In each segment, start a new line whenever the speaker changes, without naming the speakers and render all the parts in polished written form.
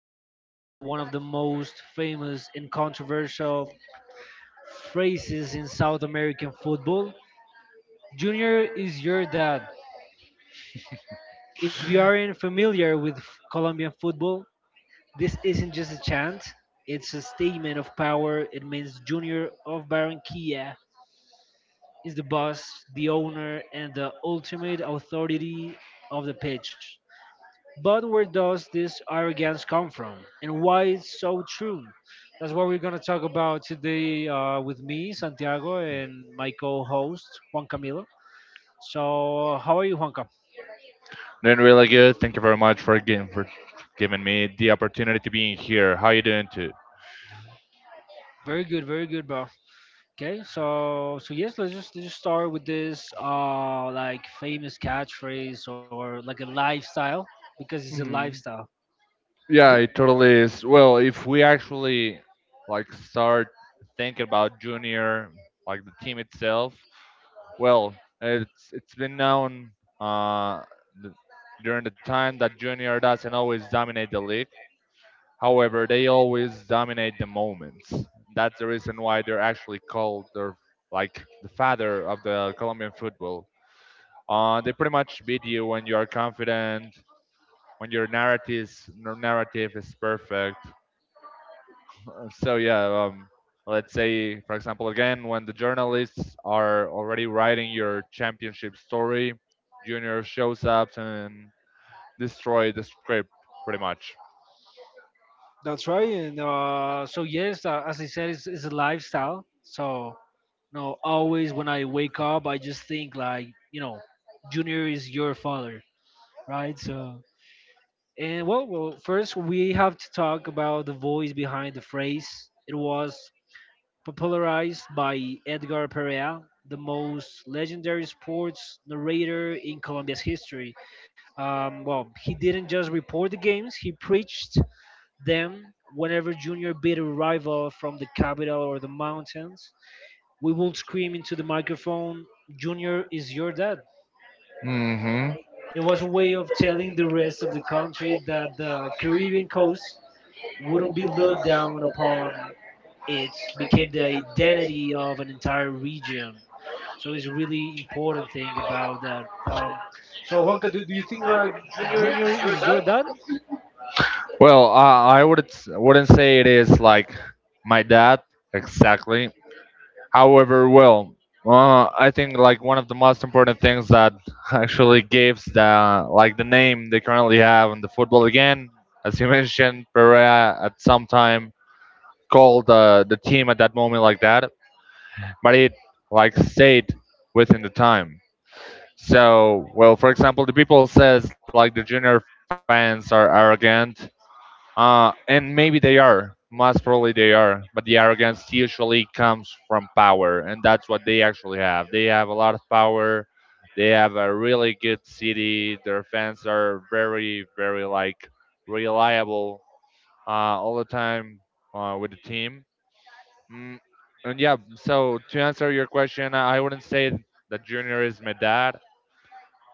diving into one of the most famous and controversial phrases in South American football. Junior is your dad. If you aren't familiar with Colombian football, this isn't just a chant, it's a statement of power. It means Junior of Barranquilla is the boss, the owner, and the ultimate authority of the pitch. But where does this arrogance come from, and why it's so true? That's what we're gonna talk about today with me, Santiago, and my co-host Juan Camilo. So, how are you, Juanca?
Doing really good. Thank you very much for again for giving me the opportunity to be in here. How you doing too?
Very good, very good, bro. Okay, so yes, let's just start with this like famous catchphrase or like a lifestyle because it's a
Mhm.
lifestyle. Do-
Yeah, it totally is. Well, if we actually like start thinking about Junior, like the team itself, well, it's been known uh, th- during the time that Junior doesn't always dominate the league. However, they always dominate the moments. That's the reason why they're actually called the like the father of the Colombian football. They pretty much beat you when you are confident, when your narrative is perfect. So let's say for example again when the journalists are already writing your championship story, Junior shows up and destroy the script pretty much.
That's right. And so, yes, as I said, it's a lifestyle. So, no, always when I wake up, I just think like, you know, Junior is your father, right? So, and well, first we have to talk about the voice behind the phrase. It was popularized by Edgar Perea, the most legendary sports narrator in Colombia's history. Well, he didn't just report the games; he preached. Then, whenever Junior beat a rival from the capital or the mountains, we would scream into the microphone, Junior is your dad.
hmm
It was a way of telling the rest of the country that the Caribbean coast wouldn't be looked down upon. It became the identity of an entire region. So it's a really important thing about that. So Juanca, do you think like Junior is your dad?
Well, I wouldn't say it is like my dad exactly. However, well, I think like one of the most important things that actually gives the like the name they currently have in the football again, as you mentioned, Perea at some time called the team at that moment like that, but it like stayed within the time. So, well, for example, the people says like the Junior fans are arrogant, and maybe they are. Most probably they are. But the arrogance usually comes from power, and that's what they actually have. They have a lot of power. They have a really good city. Their fans are very, very like reliable, uh, all the time with the team. Mm, and yeah, so to answer your question, I wouldn't say that Junior is my dad.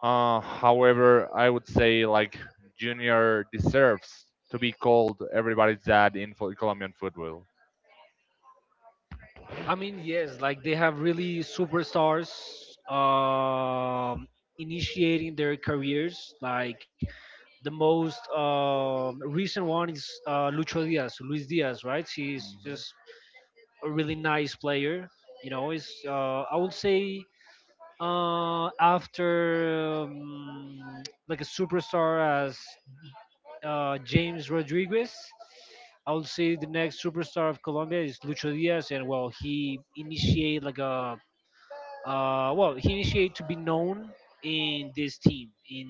However, I would say like Junior deserves to be called everybody's dad in Colombian football.
I mean, yes, like they have really superstars, um, initiating their careers. Like the most recent one is Lucho Diaz, Luis Diaz, right? He's just a really nice player. You know, it's I would say after like a superstar as James Rodriguez. I would say the next superstar of Colombia is Lucho Diaz, and well, he initiated like a well, he initiated to be known in this team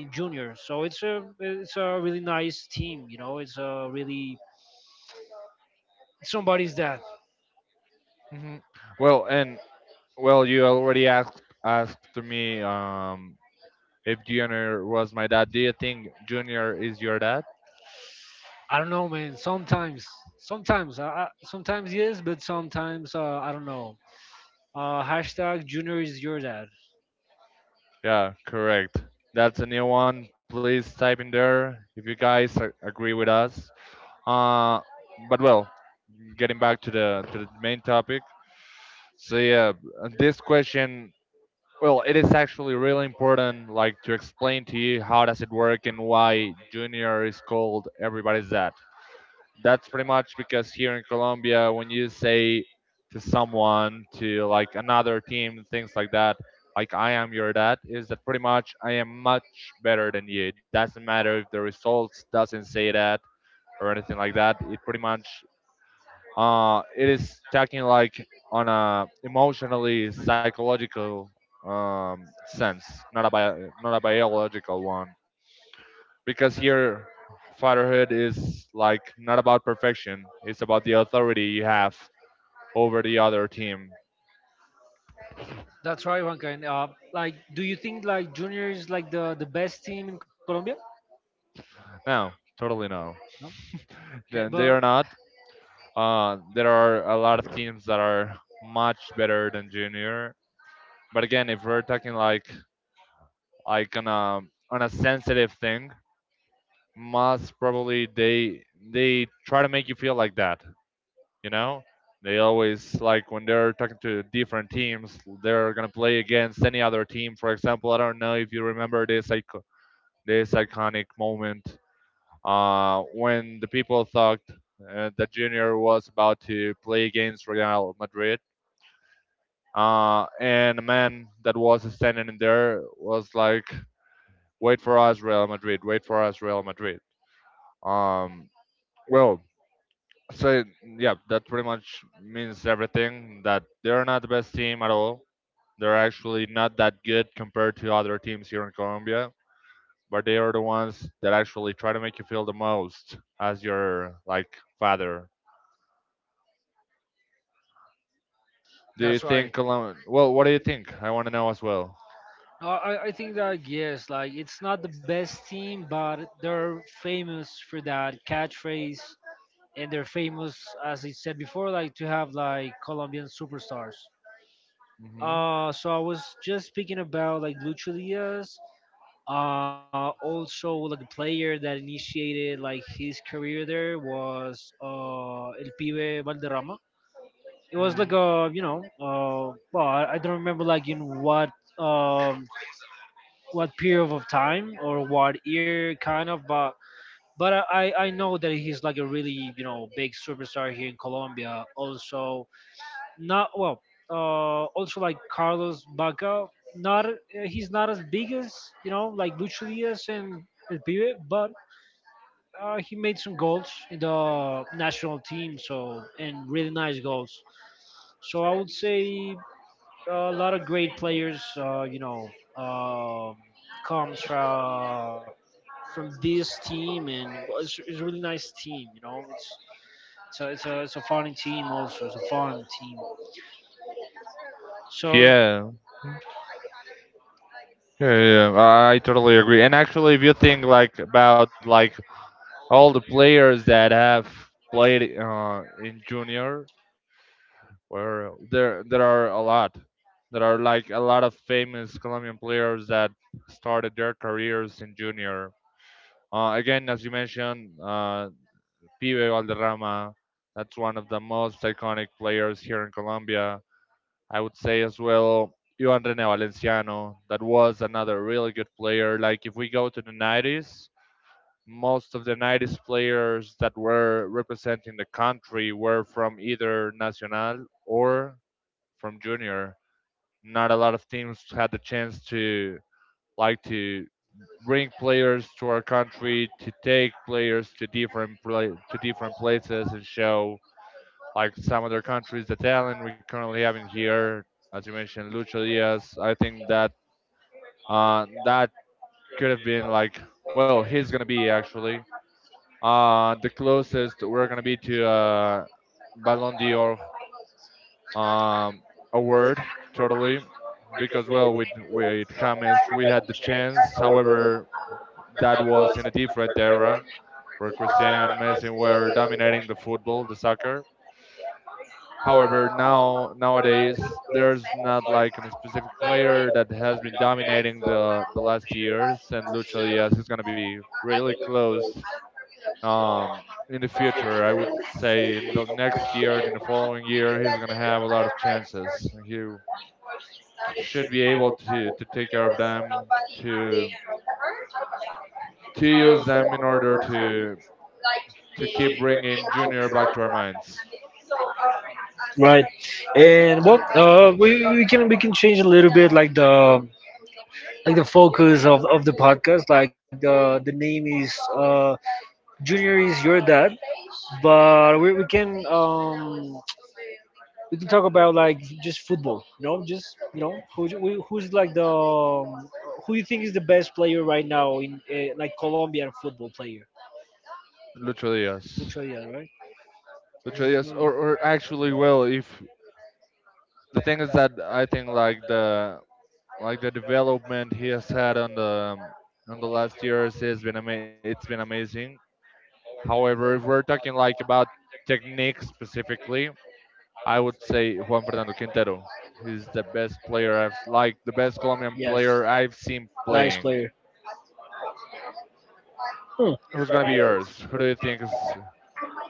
in junior. So it's a really nice team, you know. It's a really somebody's that
Mhm. Well, and well, you already asked to me, if Junior was my dad. Do you think Junior is your dad?
I don't know, man. Sometimes, sometimes, sometimes yes, but sometimes I don't know. Hashtag junior is your dad.
Yeah, correct. That's a new one. Please type in there if you guys agree with us. Uh, but well, getting back to the main topic. So yeah, this question, well, it is actually really important, like to explain to you how does it work and why Junior is called everybody's dad. That's pretty much because here in Colombia, when you say to someone, to like another team, things like that, like I am your dad, is that pretty much I am much better than you. It doesn't matter if the results doesn't say that or anything like that. It pretty much it is talking like on a emotionally psychological sense, not a biological one. Because here, fatherhood is like not about perfection; it's about the authority you have over the other team.
That's right, Juanca. And like, do you think like junior is like the best team in Colombia?
No, totally no.
No. Eh,
Then they
but
are not. There are a lot of teams that are much better than Junior. But again, if we're talking like like on a on a sensitive thing, most probably they try to make you feel like that, you know, they always like when they're talking to different teams they're gonna play against any other team. For example, I don't know if you remember this this iconic moment, when the people thought that Junior was about to play against Real Madrid, and a man that was standing in there was like, wait for us Real Madrid, wait for us Real Madrid. um, well So yeah, that pretty much means everything. That they're not the best team at all. They're actually not that good compared to other teams here in Colombia. But they are the ones that actually try to make you feel the most as your like father. Do you
that's
think
right.
Colom? Well, what do you think? I want to know as well.
I think that yes, like it's not the best team, but they're famous for that catchphrase, and they're famous, as I said before, like to have like Colombian superstars.
hmm
So I was just speaking about like Lucho Diaz, also like a player that initiated like his career there was El Pibe Valderrama. It was
hmm
like a you know I don't remember like in um what period of time or what year kind of, but I know that he's like a really, you know, big superstar here in colombia also, not well also like carlos baca. Not He's not as big as, you know, like lucho diaz and el pibe, but he made some goals in the national team, so, and really nice goals, so I would say a lot of great players, you know, um, comes from this team, and well, it's a really nice team. You know, it's it's a fun team also. It's a fun team. So
Yeah, yeah. I totally agree. And actually, if you think like about like all the players that have played in Junior, where there are a lot, there are like a lot of famous Colombian players that started their careers in Junior, again as you mentioned, Pibe Valderrama. That's one of the most iconic players here in Colombia. I would say as well Juan Rene Valenciano, that was another really good player. Like if we go to the 90s, most of the 90s players that were representing the country were from either Nacional or from Junior. Not a lot of teams had the chance to like to bring players to our country to take players to different places and show like some other countries the talent we currently have in here. As you mentioned, Lucho Diaz. I think that uh, that could have been like, well, he's gonna be actually the closest we're gonna be to Ballon d'Or um, award, totally, because well, with James we had the chance. However, that was in a different era where Cristiano and Messi were dominating the football, the soccer. However, now nowadays there's not like a specific player that has been dominating the last years, and Lucho Diaz is gonna be really close in the future. I would say in the next year and in the following year, he's gonna have a lot of chances. He should be able to take care of them, to to use them in order to keep bringing Junior back to our minds.
right, and well, we can change a little bit like the focus of the podcast. Like the name is Junior is your dad, but we can talk about like just football. You know, just you know who's like the who you think is the best player right now in like Colombian football player.
Lucho Diaz.
Which are the other, right?
Lucho Diaz, or actually,
Mhm.
well, if the thing is that I think like the development he has had on the last years has been it's been amazing. However, if we're talking like about technique specifically, I would say Juan Fernando Quintero. He's the best player I've like the best Colombian
Yes,
player I've seen
nice
playing.
player. Hmm.
Who's gonna be yours? Who do you think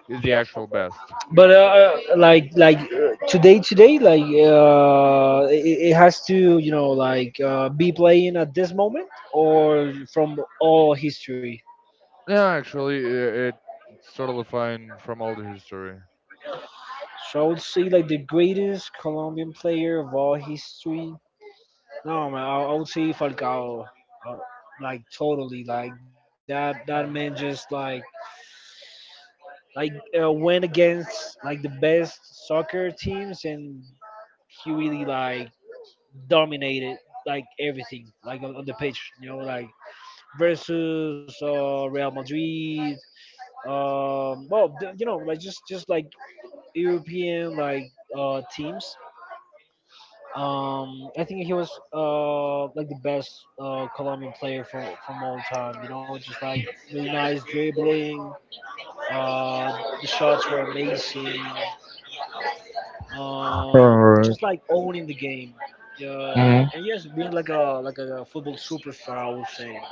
is the actual best?
But today today like it has to you know like be playing at this moment or from all history.
Yeah, actually, it's totally fine from all the history.
So I would say like the greatest Colombian player of all history. No, man, I would say Falcao, uh, like totally, like that. That man
Hmm.
just like went against like the best soccer teams, and he really like dominated like everything, like on the pitch. You know, like versus Real Madrid. Well, you know, like just like European like teams. I think he was like the best Colombian player from all time. You know, just like really nice dribbling. Uh, the shots were amazing. Just
Alright.
like owning the game. And yes, being like a football superstar, I would say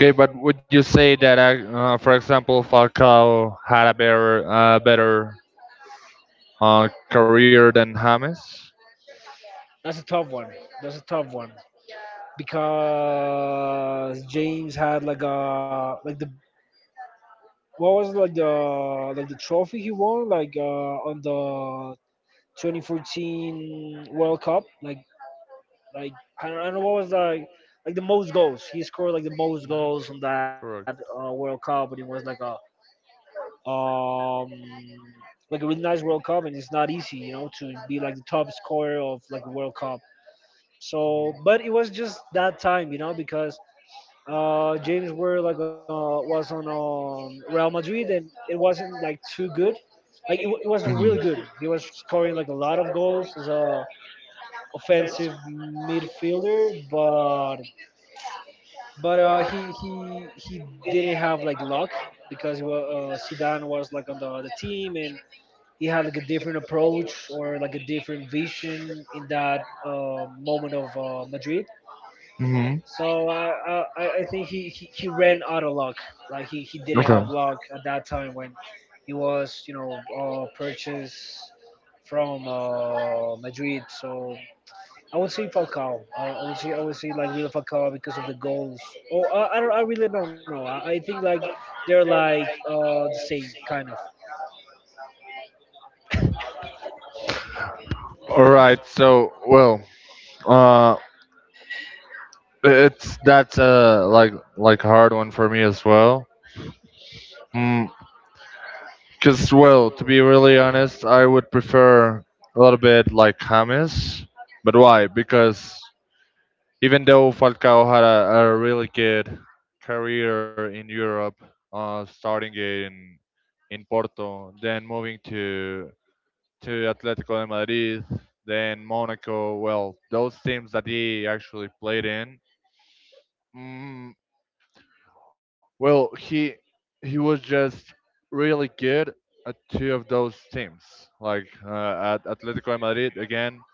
Okay, but would you say that, for example, Falcao had a better, better career than James?
that's a tough one. That's a tough one because James had like a like the what was it, like the trophy he won like on the 2014 World Cup. Like I don't know what was like the most goals. He scored like the most
Mhm,
goals on that
correct.
World Cup, but it was um like a really nice World Cup, and it's not easy, you know, to be like the top scorer of like a World Cup.
Mhm.
So, but it was just that time, you know, because James were like was on Real Madrid, and it wasn't like too good, like it was
Mhm.
really good. He was scoring like a lot of goals as a offensive midfielder, but he didn't have like luck because he was, Zidane was like on the team, and he had like a different approach or like a different vision in that moment of Madrid.
Hmm.
So I think he ran out of luck. Like he didn't
Okay.
have luck at that time when he was, you know, purchased from Madrid. So I would say Falcao. I would say like really Falcao because of the goals. Oh, I really don't know. I think like they're like the same kind of.
All right. So, well, uh, it's that's like a hard one for me as well. Mm, Cause well, to be really honest, I would prefer a little bit like hummus. But why? Because even though Falcao had a really good career in Europe, starting in Porto, then moving to Atletico de Madrid, then Monaco. Well, those teams that he actually played in. Mm, well, he was just really good at two of those teams, like at Atletico de Madrid again.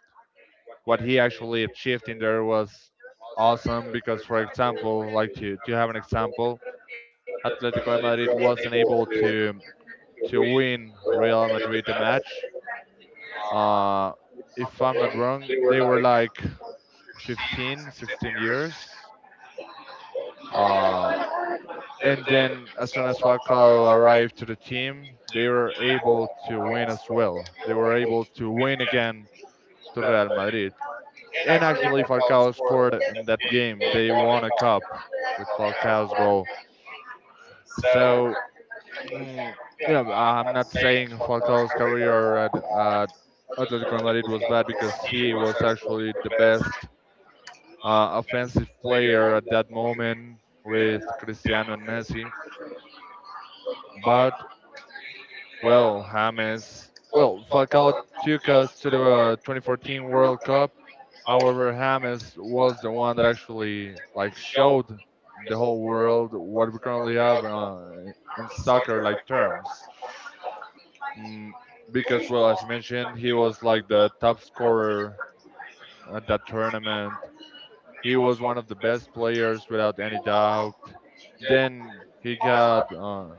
What he actually achieved in there was awesome because for example like to have an example, Atletico de Madrid wasn't able to win Real Madrid the match, uh, if I'm not wrong they were like 15 16 years, uh, and then as soon as Falcao arrived to the team they were able to win as well, they were able to win again to Real Madrid. And actually, Falcao scored in that game. They won a cup with Falcao's goal. So, mm, yeah, I'm not saying Falcao's career at Atletico Madrid was bad because he was actually the best offensive player at that moment with Cristiano and Messi. But well, James. Well, Falcao took us to the 2014 World Cup. However, James was the one that actually like showed the whole world what we currently have in soccer like terms. Mm, because, well, as you mentioned, he was like the top scorer at that tournament. He was one of the best players without any doubt. Then he got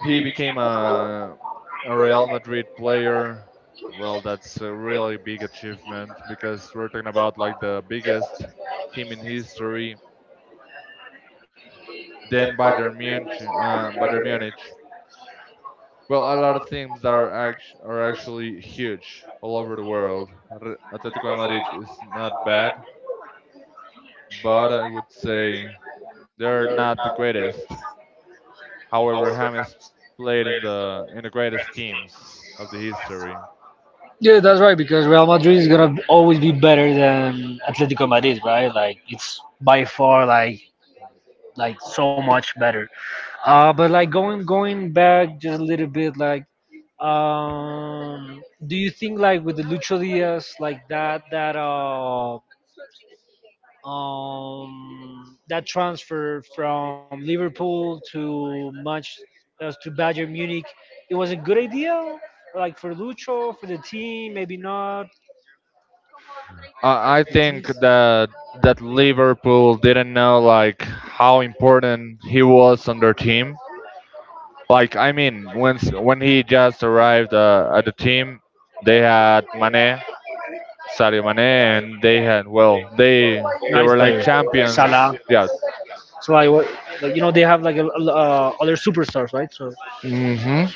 he became a Real Madrid player. Well, that's a really big achievement because we're talking about like the biggest team in history. Then Bayern Munich, Well, a lot of teams that are are actually huge all over the world. Atletico de Madrid is not bad, but I would say they're not the greatest. However, James played in the greatest teams of the history.
Yeah, that's right. Because Real Madrid is gonna always be better than Atletico Madrid, right? Like it's by far like so much better. But like going back just a little bit, like, do you think like with the Lucho Diaz like that that transfer from Liverpool to Manchester, to Bayern Munich, it was a good idea, like for Lucho for the team, maybe not.
I think that that Liverpool didn't know like how important he was on their team. Like I mean, when when he just arrived at the team, they had Mane, Sadio Mane, and they had well,
Nice player.
they were like
Salah.
champions. Yeah.
So like, you know, they have like other superstars, right? So, so
hmm
yes.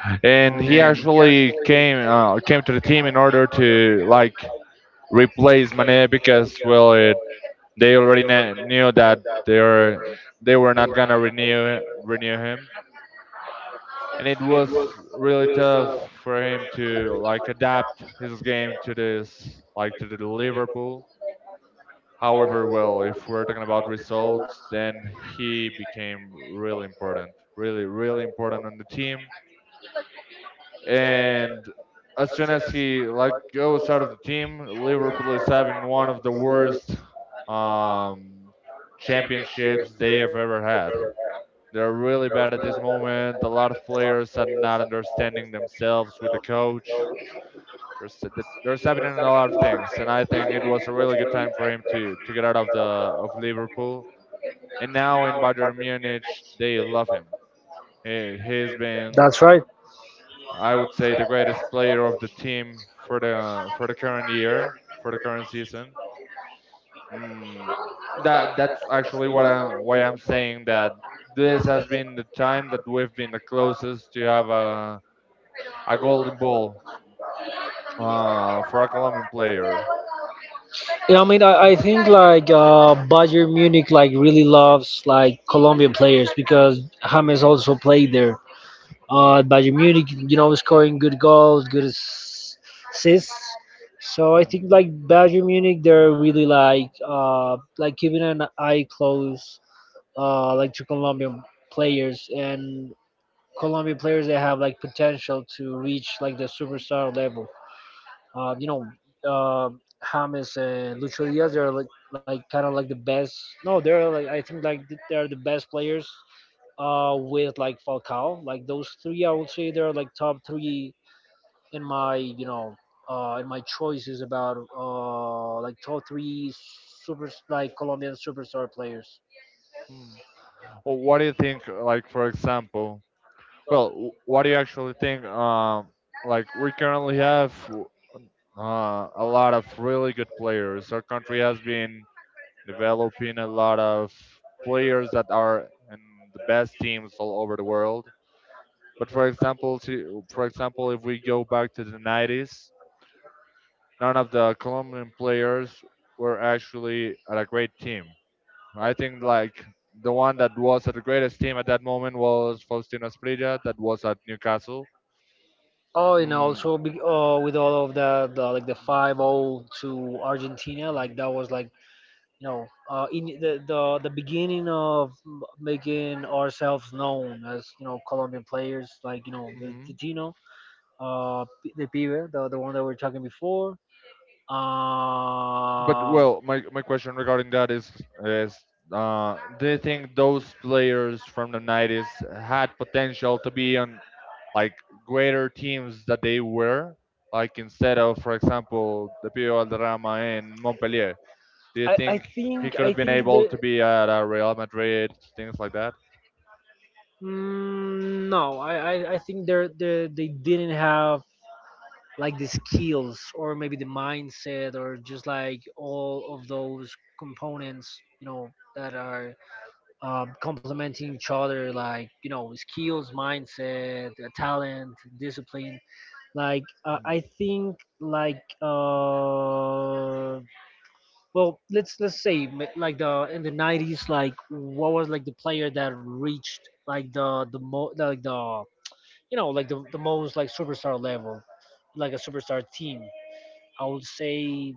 Um,
And he actually came came to the team in order to like replace Mane because well, they already knew that they were not gonna renew him, and it was really tough for him to like adapt his game to this like to the Liverpool. However, well, if we're talking about results, then he became really important, really really important on the team. And as soon as he like goes out of the team, Liverpool is having one of the worst um, championships they have ever had. They're really bad at this moment. A lot of players are not understanding themselves with the coach. There's there's happening a lot of things, and I think it was a really good time for him to get out of Liverpool. And now in Bayern Munich, they love him. He's
That's
been,
right.
I would say, the greatest player of the team for the current year, for the current season. Mm, that's actually what I'm why I'm saying that this has been the time that we've been the closest to have a golden ball for a Colombian player.
Yeah, I mean, I think like Bayern Munich like really loves like Colombian players because James also played there. At
Mhm.
Bayern Munich, you know, scoring good goals, good assists. So I think
Mm.
like Bayern Munich, they're really like keeping an eye close like to Colombian players, and Colombian players they have like potential to reach like the superstar level. You know, uh, James and Lucho Diaz, they're like kind of like the best. No, they're like I think like they're the best players. With like Falcao, like those three, I would say they're like top three in my, you know, in my choices about like top three super like Colombian superstar players.
Well, what do you think? Like for example, well, what do you actually think? Like we currently have a lot of really good players. Our country has been developing a lot of players that are in the best teams all over the world. But for example, for example, if we go back to the 90s, none of the Colombian players were actually at a great team. I think like the one that was at the greatest team at that moment was Faustino Esprilla, that was at Newcastle.
Oh, and
Mm.
also with all of the like the 5-0 to Argentina, like that was like. No, in the beginning of making ourselves known as, you know, Colombian players, like you know
Mm-hmm.
the Tino, the Pibe, the one that we were talking before.
But
Uh,
well, my question regarding that is, do you think those players from the '90s had potential to be on, like, greater teams that they were? Like instead of, for example, the Pio Alderama in Montpellier, do you think he could
I
have been
think
able
that
to be at Real Madrid, things like that,
no, I think they didn't have like the skills or maybe the mindset or just like all of those components, you know, that are complementing each other, like you know, skills, mindset, talent, discipline, like I think like well, let's say like the in the 90s, like what was like the player that reached like the, you know, like the most like superstar level, like a superstar team. I would say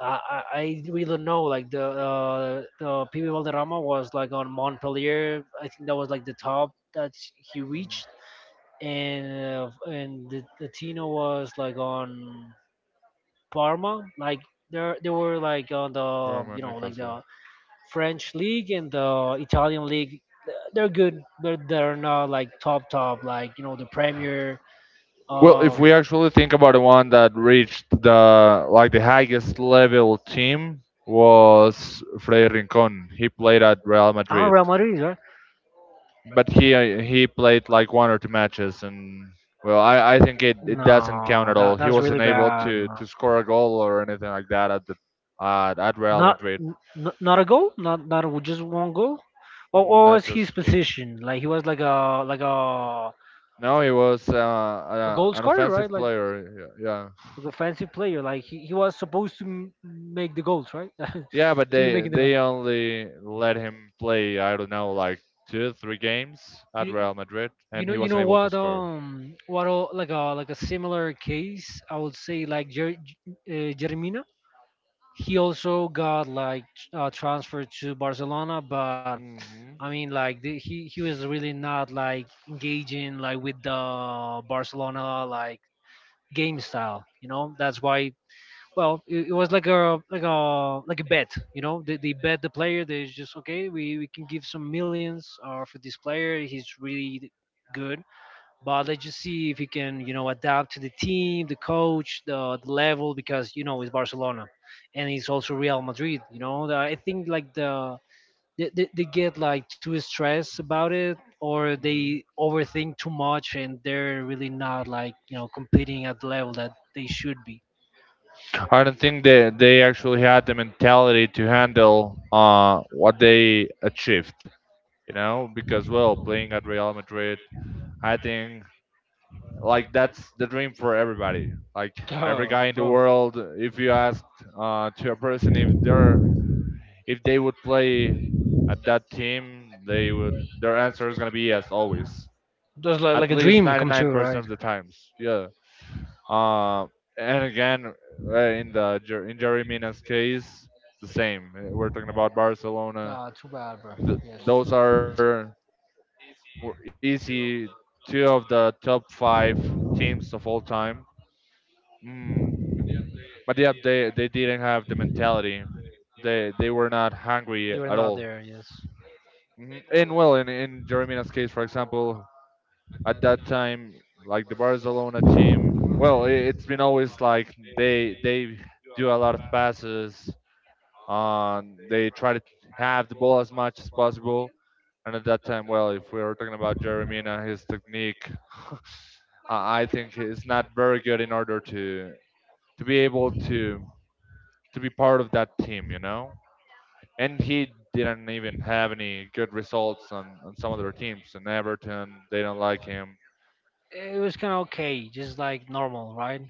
I really don't know. Like the PB Valderrama was like on Montpellier. I think that was like the top that he reached, and and the Tino was like on Parma. Like there they were like on
from
the, you know, like
Newcastle?
the French league and the Italian league. They're good, but they're not like top top, like you know the Premier.
Well, if
um,
we actually think about the one that reached the highest level team, was Freddy Rincon. He played at Real
ah,
Madrid,
Real Madrid, right?
but he played like one or two matches, and well, I think it doesn't count
No,
at all.
that
He
that's really
wasn't able
bad, man.
to score a goal or anything like that at the at Real
Not
Madrid.
n- n- not a goal, not not a- just one goal. What
Not
was his
just goal.
position? Like he was like a like a
No, he was
a goal
an
scorer, right?
offensive player. Yeah, yeah.
Like a fancy player. Like he was supposed to make the goals, right?
Yeah, but
to be
they
making the.
they only let him play, I don't know, like two, three games at
You,
Real Madrid,
You
and
know,
he
you
wasn't
know
able to
what?
score.
Like a similar case, I would say like Jeremina. He also got like transferred to Barcelona, but
Hmm.
I mean, he was really not like engaging like with the Barcelona like game style. You know, that's why. Well, it was like a bet. You know, they bet the player. They just okay, we can give some millions for this player. He's really good, but let's just see if he can, you know, adapt to the team, the coach, the level, because, you know, it's Barcelona and it's also Real Madrid. You know, I think like they get like too stressed about it, or
Hmm.
they overthink too much, and they're really not like, you know, competing at the level that they should be.
I don't think they actually had the mentality to handle what they achieved, you know, because well, playing at Real Madrid, I think like that's the dream for everybody. Like every guy in the
Oh,
world, if you asked to a person if they're if they would play at that team, they would their answer is gonna be yes always,
they're That's
at
like a,
least 99%
right?
of the times. Yeah. Uh, and again, in the Jer- in Jerry Mina's case, the same. We're talking about Barcelona.
Ah, too bad, bro.
Th those are were easy two of the top five teams of all time. Mm, but yeah, they didn't have the mentality. They were not hungry at
Enough,
all.
not there, yes.
Mhm. And well, in Jerry Mina's case, for example, at that time, like the Barcelona team, well, it's been always like they do a lot of passes. They try to have the ball as much as possible. And at that time, well, if we were talking about Jeremina, his technique, I think it's not very good in order to be able to be part of that team, you know. And he didn't even have any good results on some of their teams. And Everton, they don't like him.
It was kind of okay, just like normal, right?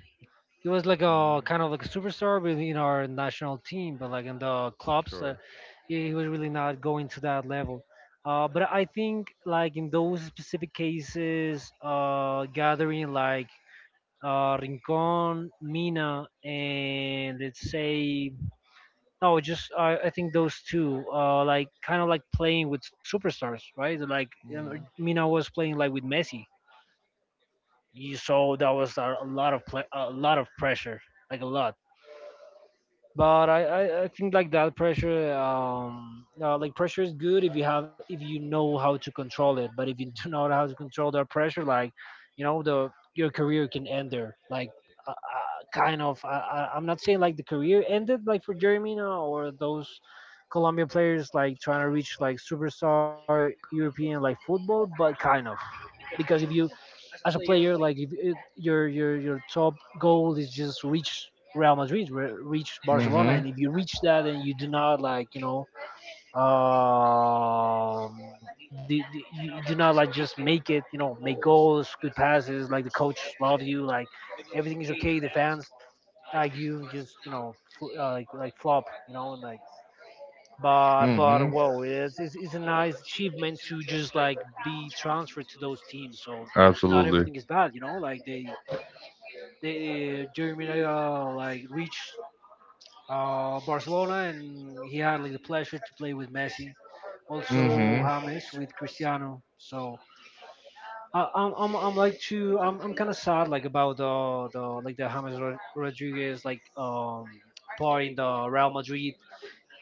He was like a
Mm,
kind of like a superstar within our national team, but like in the clubs,
correct.
he was really not going to that level. But I think like in those specific cases, gathering like Rincon, Mina, and let's say no, just I think those two, like kind of like playing with superstars, right? Like
Mm.
Mina was playing like with Messi. You so that was a lot of a lot of pressure, like a lot. But I think like that pressure, like pressure is good if you have, if you know how to control it. But if you do not know how to control that pressure, like, you know, the your career can end there. Like, kind of. I'm not saying like the career ended like for Jeremy now, or those Colombian players like trying to reach like superstar European like football, but kind of, because if you as a player, like if it, your top goal is just reach Real Madrid, reach Barcelona, and if you reach that and you do not like, you know, you do not like just make it, you know, make
Hmm.
goals, good passes, like the coach loves you, like everything is okay, the fans like you just, you know, like flop, you know, and like, but well, it's a nice achievement to just like be transferred to those teams, so eh, not
Absolutely.
everything is bad, you know, like they Jeremy like reached Barcelona, and he had like the pleasure to play with Messi. Also James with Cristiano, so I'm like too, I'm kind of sad like about the, like the James Rodriguez like part in the Real Madrid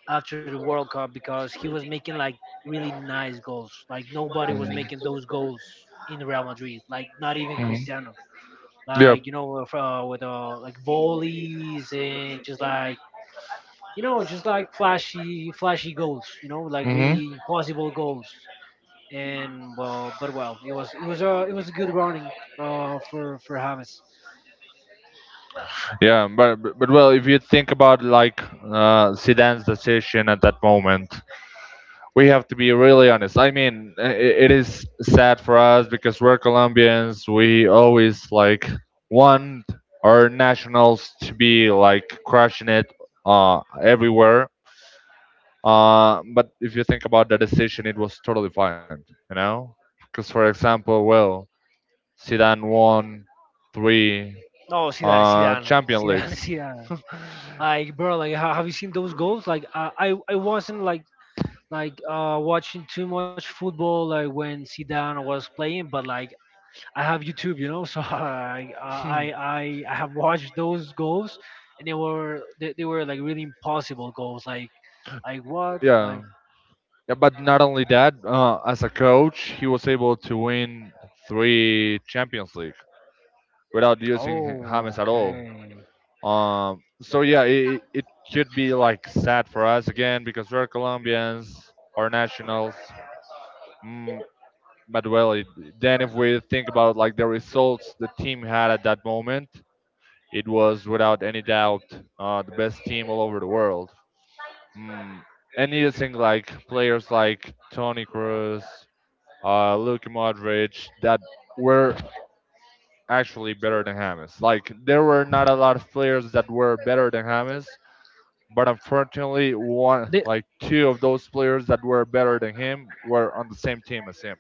after the World Cup, because he was making like really nice goals. Like nobody was making those
Mm.
goals in Real Madrid. Like not even Cristiano.
Yeah.
Like, you know, with, like volleys, and just like, you know, just like flashy flashy goals. You know, like
Hmm.
really impossible goals. And well, but well, it was, it was a, it was a good running for James.
Yeah, but well, if you think about like Zidane's decision at that moment, we have to be really honest. I mean, it is sad for us because we're Colombians. We always like want our nationals to be like crushing it everywhere. But if you think about the decision, it was totally fine, you know? Because, for example, well, Zidane won three
No,
Champion Leagues.
Zidane. Like bro, like have you seen those goals? Like I wasn't like like watching too much football like when Zidane was playing, but like I have YouTube, you know, so I have watched those goals, and they were, they were like really impossible goals, like what
Yeah,
like.
yeah. But not only that, as a coach, he was able to win three Champions League without using
Oh,
James at
okay.
all. So yeah, it could be like sad for us again because we're Colombians, our nationals. Mm, but well, it, then if we think about like the results the team had at that moment, it was without any doubt the best team all over the world. Mm. And you think like players like Toni Kroos, Luka Modric, that were actually better than James. Like there were not a lot of players that were better than James, but unfortunately, one
They,
like two of those players that were better than him were on the same team as him.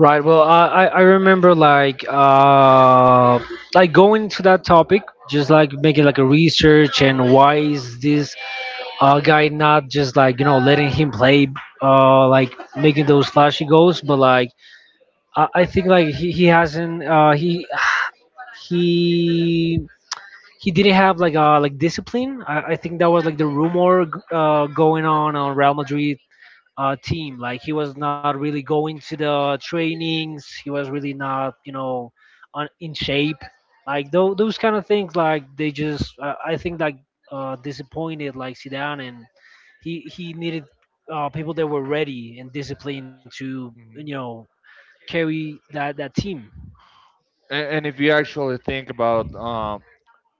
right. Well, I remember like going to that topic, just like making like a research and why is this guy not just like, you know, letting him play, like making those flashy goals, but like I think like he hasn't he he didn't have like discipline. I think that was like the rumor going on Real Madrid team. Like he was not really going to the trainings. He was really not, you know, on, in shape. Like those kind of things. Like they just, I think, like disappointed like Zidane, and he needed people that were ready and disciplined to, you
Hmm.
know, carry that team.
And if you actually think about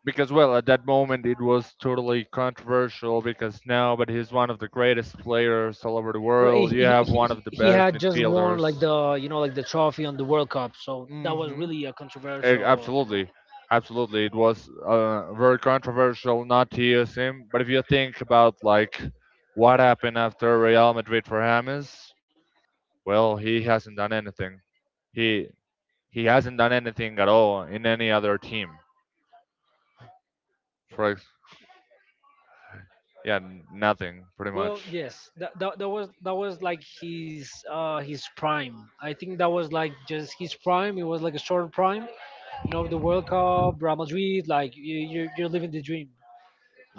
because well at that moment it was totally controversial because now but he's one of the greatest players all over the
No, He,
world, you
he,
have one
he
of the
he
best
had just won
midfielders.
like the, you know, like the trophy on the World Cup, so that was
Hmm.
really a controversial, you know.
Absolutely. Absolutely it was very controversial not to use him, but if you think about like what happened after Real Madrid for James, well he hasn't done anything, he he hasn't done anything at all in any other team, for ex- yeah, nothing pretty
Well,
much.
yes, that was, that was like his prime. I think that was like just his prime. It was like a short prime. You know, the World Cup, Real Madrid. Like you're living the dream.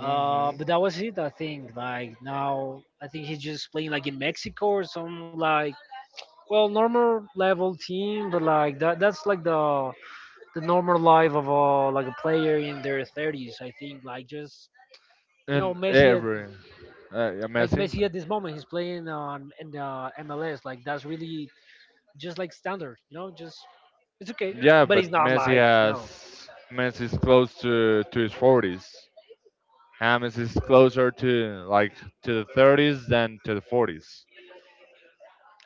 But that was it, I think. Like now, I think he's just playing like in Mexico or some like well normal level team. But like that's like the normal life of a like a player in their thirties, I think. Like just, you know,
And
Messi at,
every yeah,
like
Messi. No.
Messi at this moment, he's playing on in the MLS. Like that's really just like standard, you know. Just, it's okay,
Yeah,
but
but
he's not like, you know.
Messi is close to his forties. James is closer to like to the 30s than to the 40s.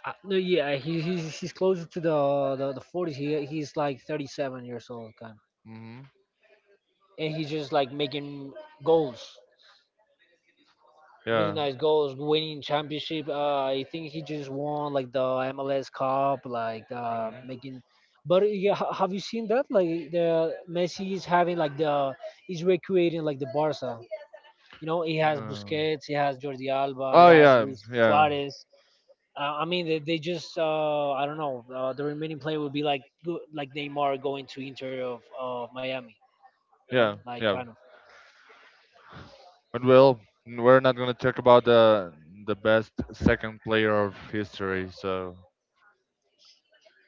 No, yeah, he's closer to the 40s. He's like 37 years old, kind of,
Hmm.
and he's just like making goals. Really
Yeah.
nice goals, winning championship. I think he just won like the MLS Cup, like
Hmm.
making. But yeah, have you seen that? Like the Messi is having like the, he's recreating like the Barca. You know, he has
No.
Busquets, he has Jordi Alba, it
Oh
has
yeah,
Luis
yeah,
Suarez. I mean, they just I don't know. The remaining player would be like like Neymar going to Inter of Miami. You know,
yeah,
like
yeah.
kind of.
But well, we're not gonna talk about the best second player of history. So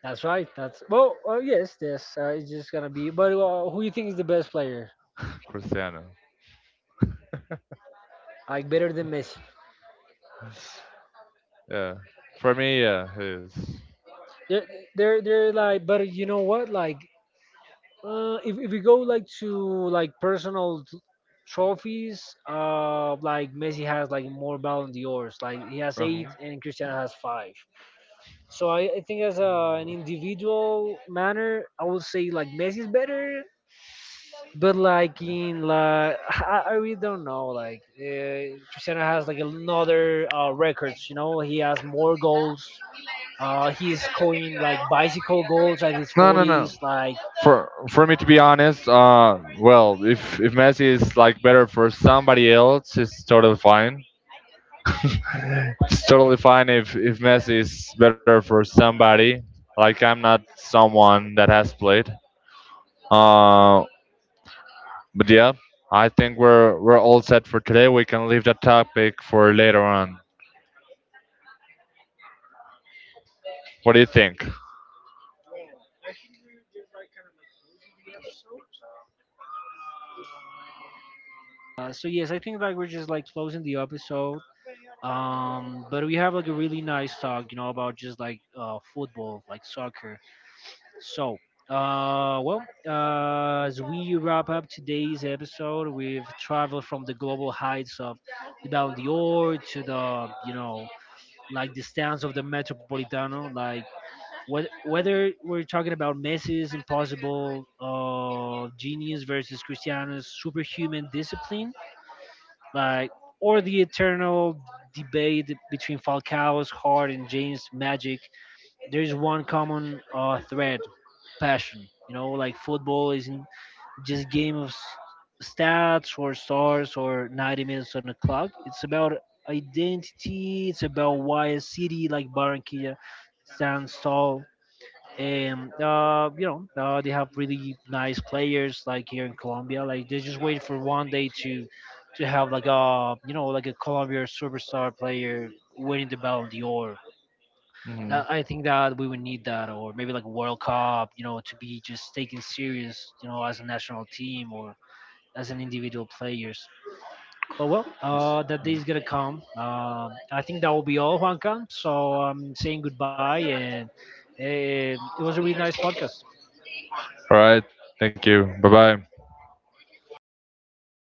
That's right. That's well, yes, yes. It's just gonna be. But who you think is the best player?
Cristiano.
Like better than Messi?
Yeah. For me, yeah, it's
They're they're like. But you know what? Like, if we go like to like personal trophies, like Messi has like more Ballon d'Ors. Like he has
Mhm.
8, and Cristiano has 5. So I think as a, an individual manner, I would say like Messi is better, but like in like I really don't know, like Cristiano has like another records, you know, he has more goals, he's scoring like bicycle goals at his
No, no, no.
40s like.
For me to be honest, well, if Messi is like better for somebody else, it's totally fine. It's totally fine if Messi is better for somebody. Like I'm not someone that has played. Uh, But yeah, I think we're all set for today. We can leave that topic for later on. What do you think?
Uh, so yes, I think like we're just like closing the episode, but we have like a really nice talk, you know, about just like football, like soccer. So, well, as we wrap up today's episode, we've traveled from the global heights of the Ballon d'Or to the, you know, like the stands of the Metropolitano. Like, whether we're talking about Messi's impossible genius versus Cristiano's superhuman discipline, like, or the eternal debate between Falcao's heart and James' magic, there is one common thread, passion. You know, like football isn't just game of stats or stars or 90 minutes on the clock. It's about identity. It's about why a city like Barranquilla stands tall. And you know, they have really nice players like here in Colombia. Like they just wait for one day to have like a, you know, like a Colombia superstar player winning the Ballon d'Or. That,
Mhm.
I think that we would need that, or maybe like World Cup, you know, to be just taken serious, you know, as a national team or as an individual players. But well, that day is gonna come. I think that will be all, Juanca. So I'm saying goodbye, and it was a really nice podcast.
All right. Thank you. Bye bye.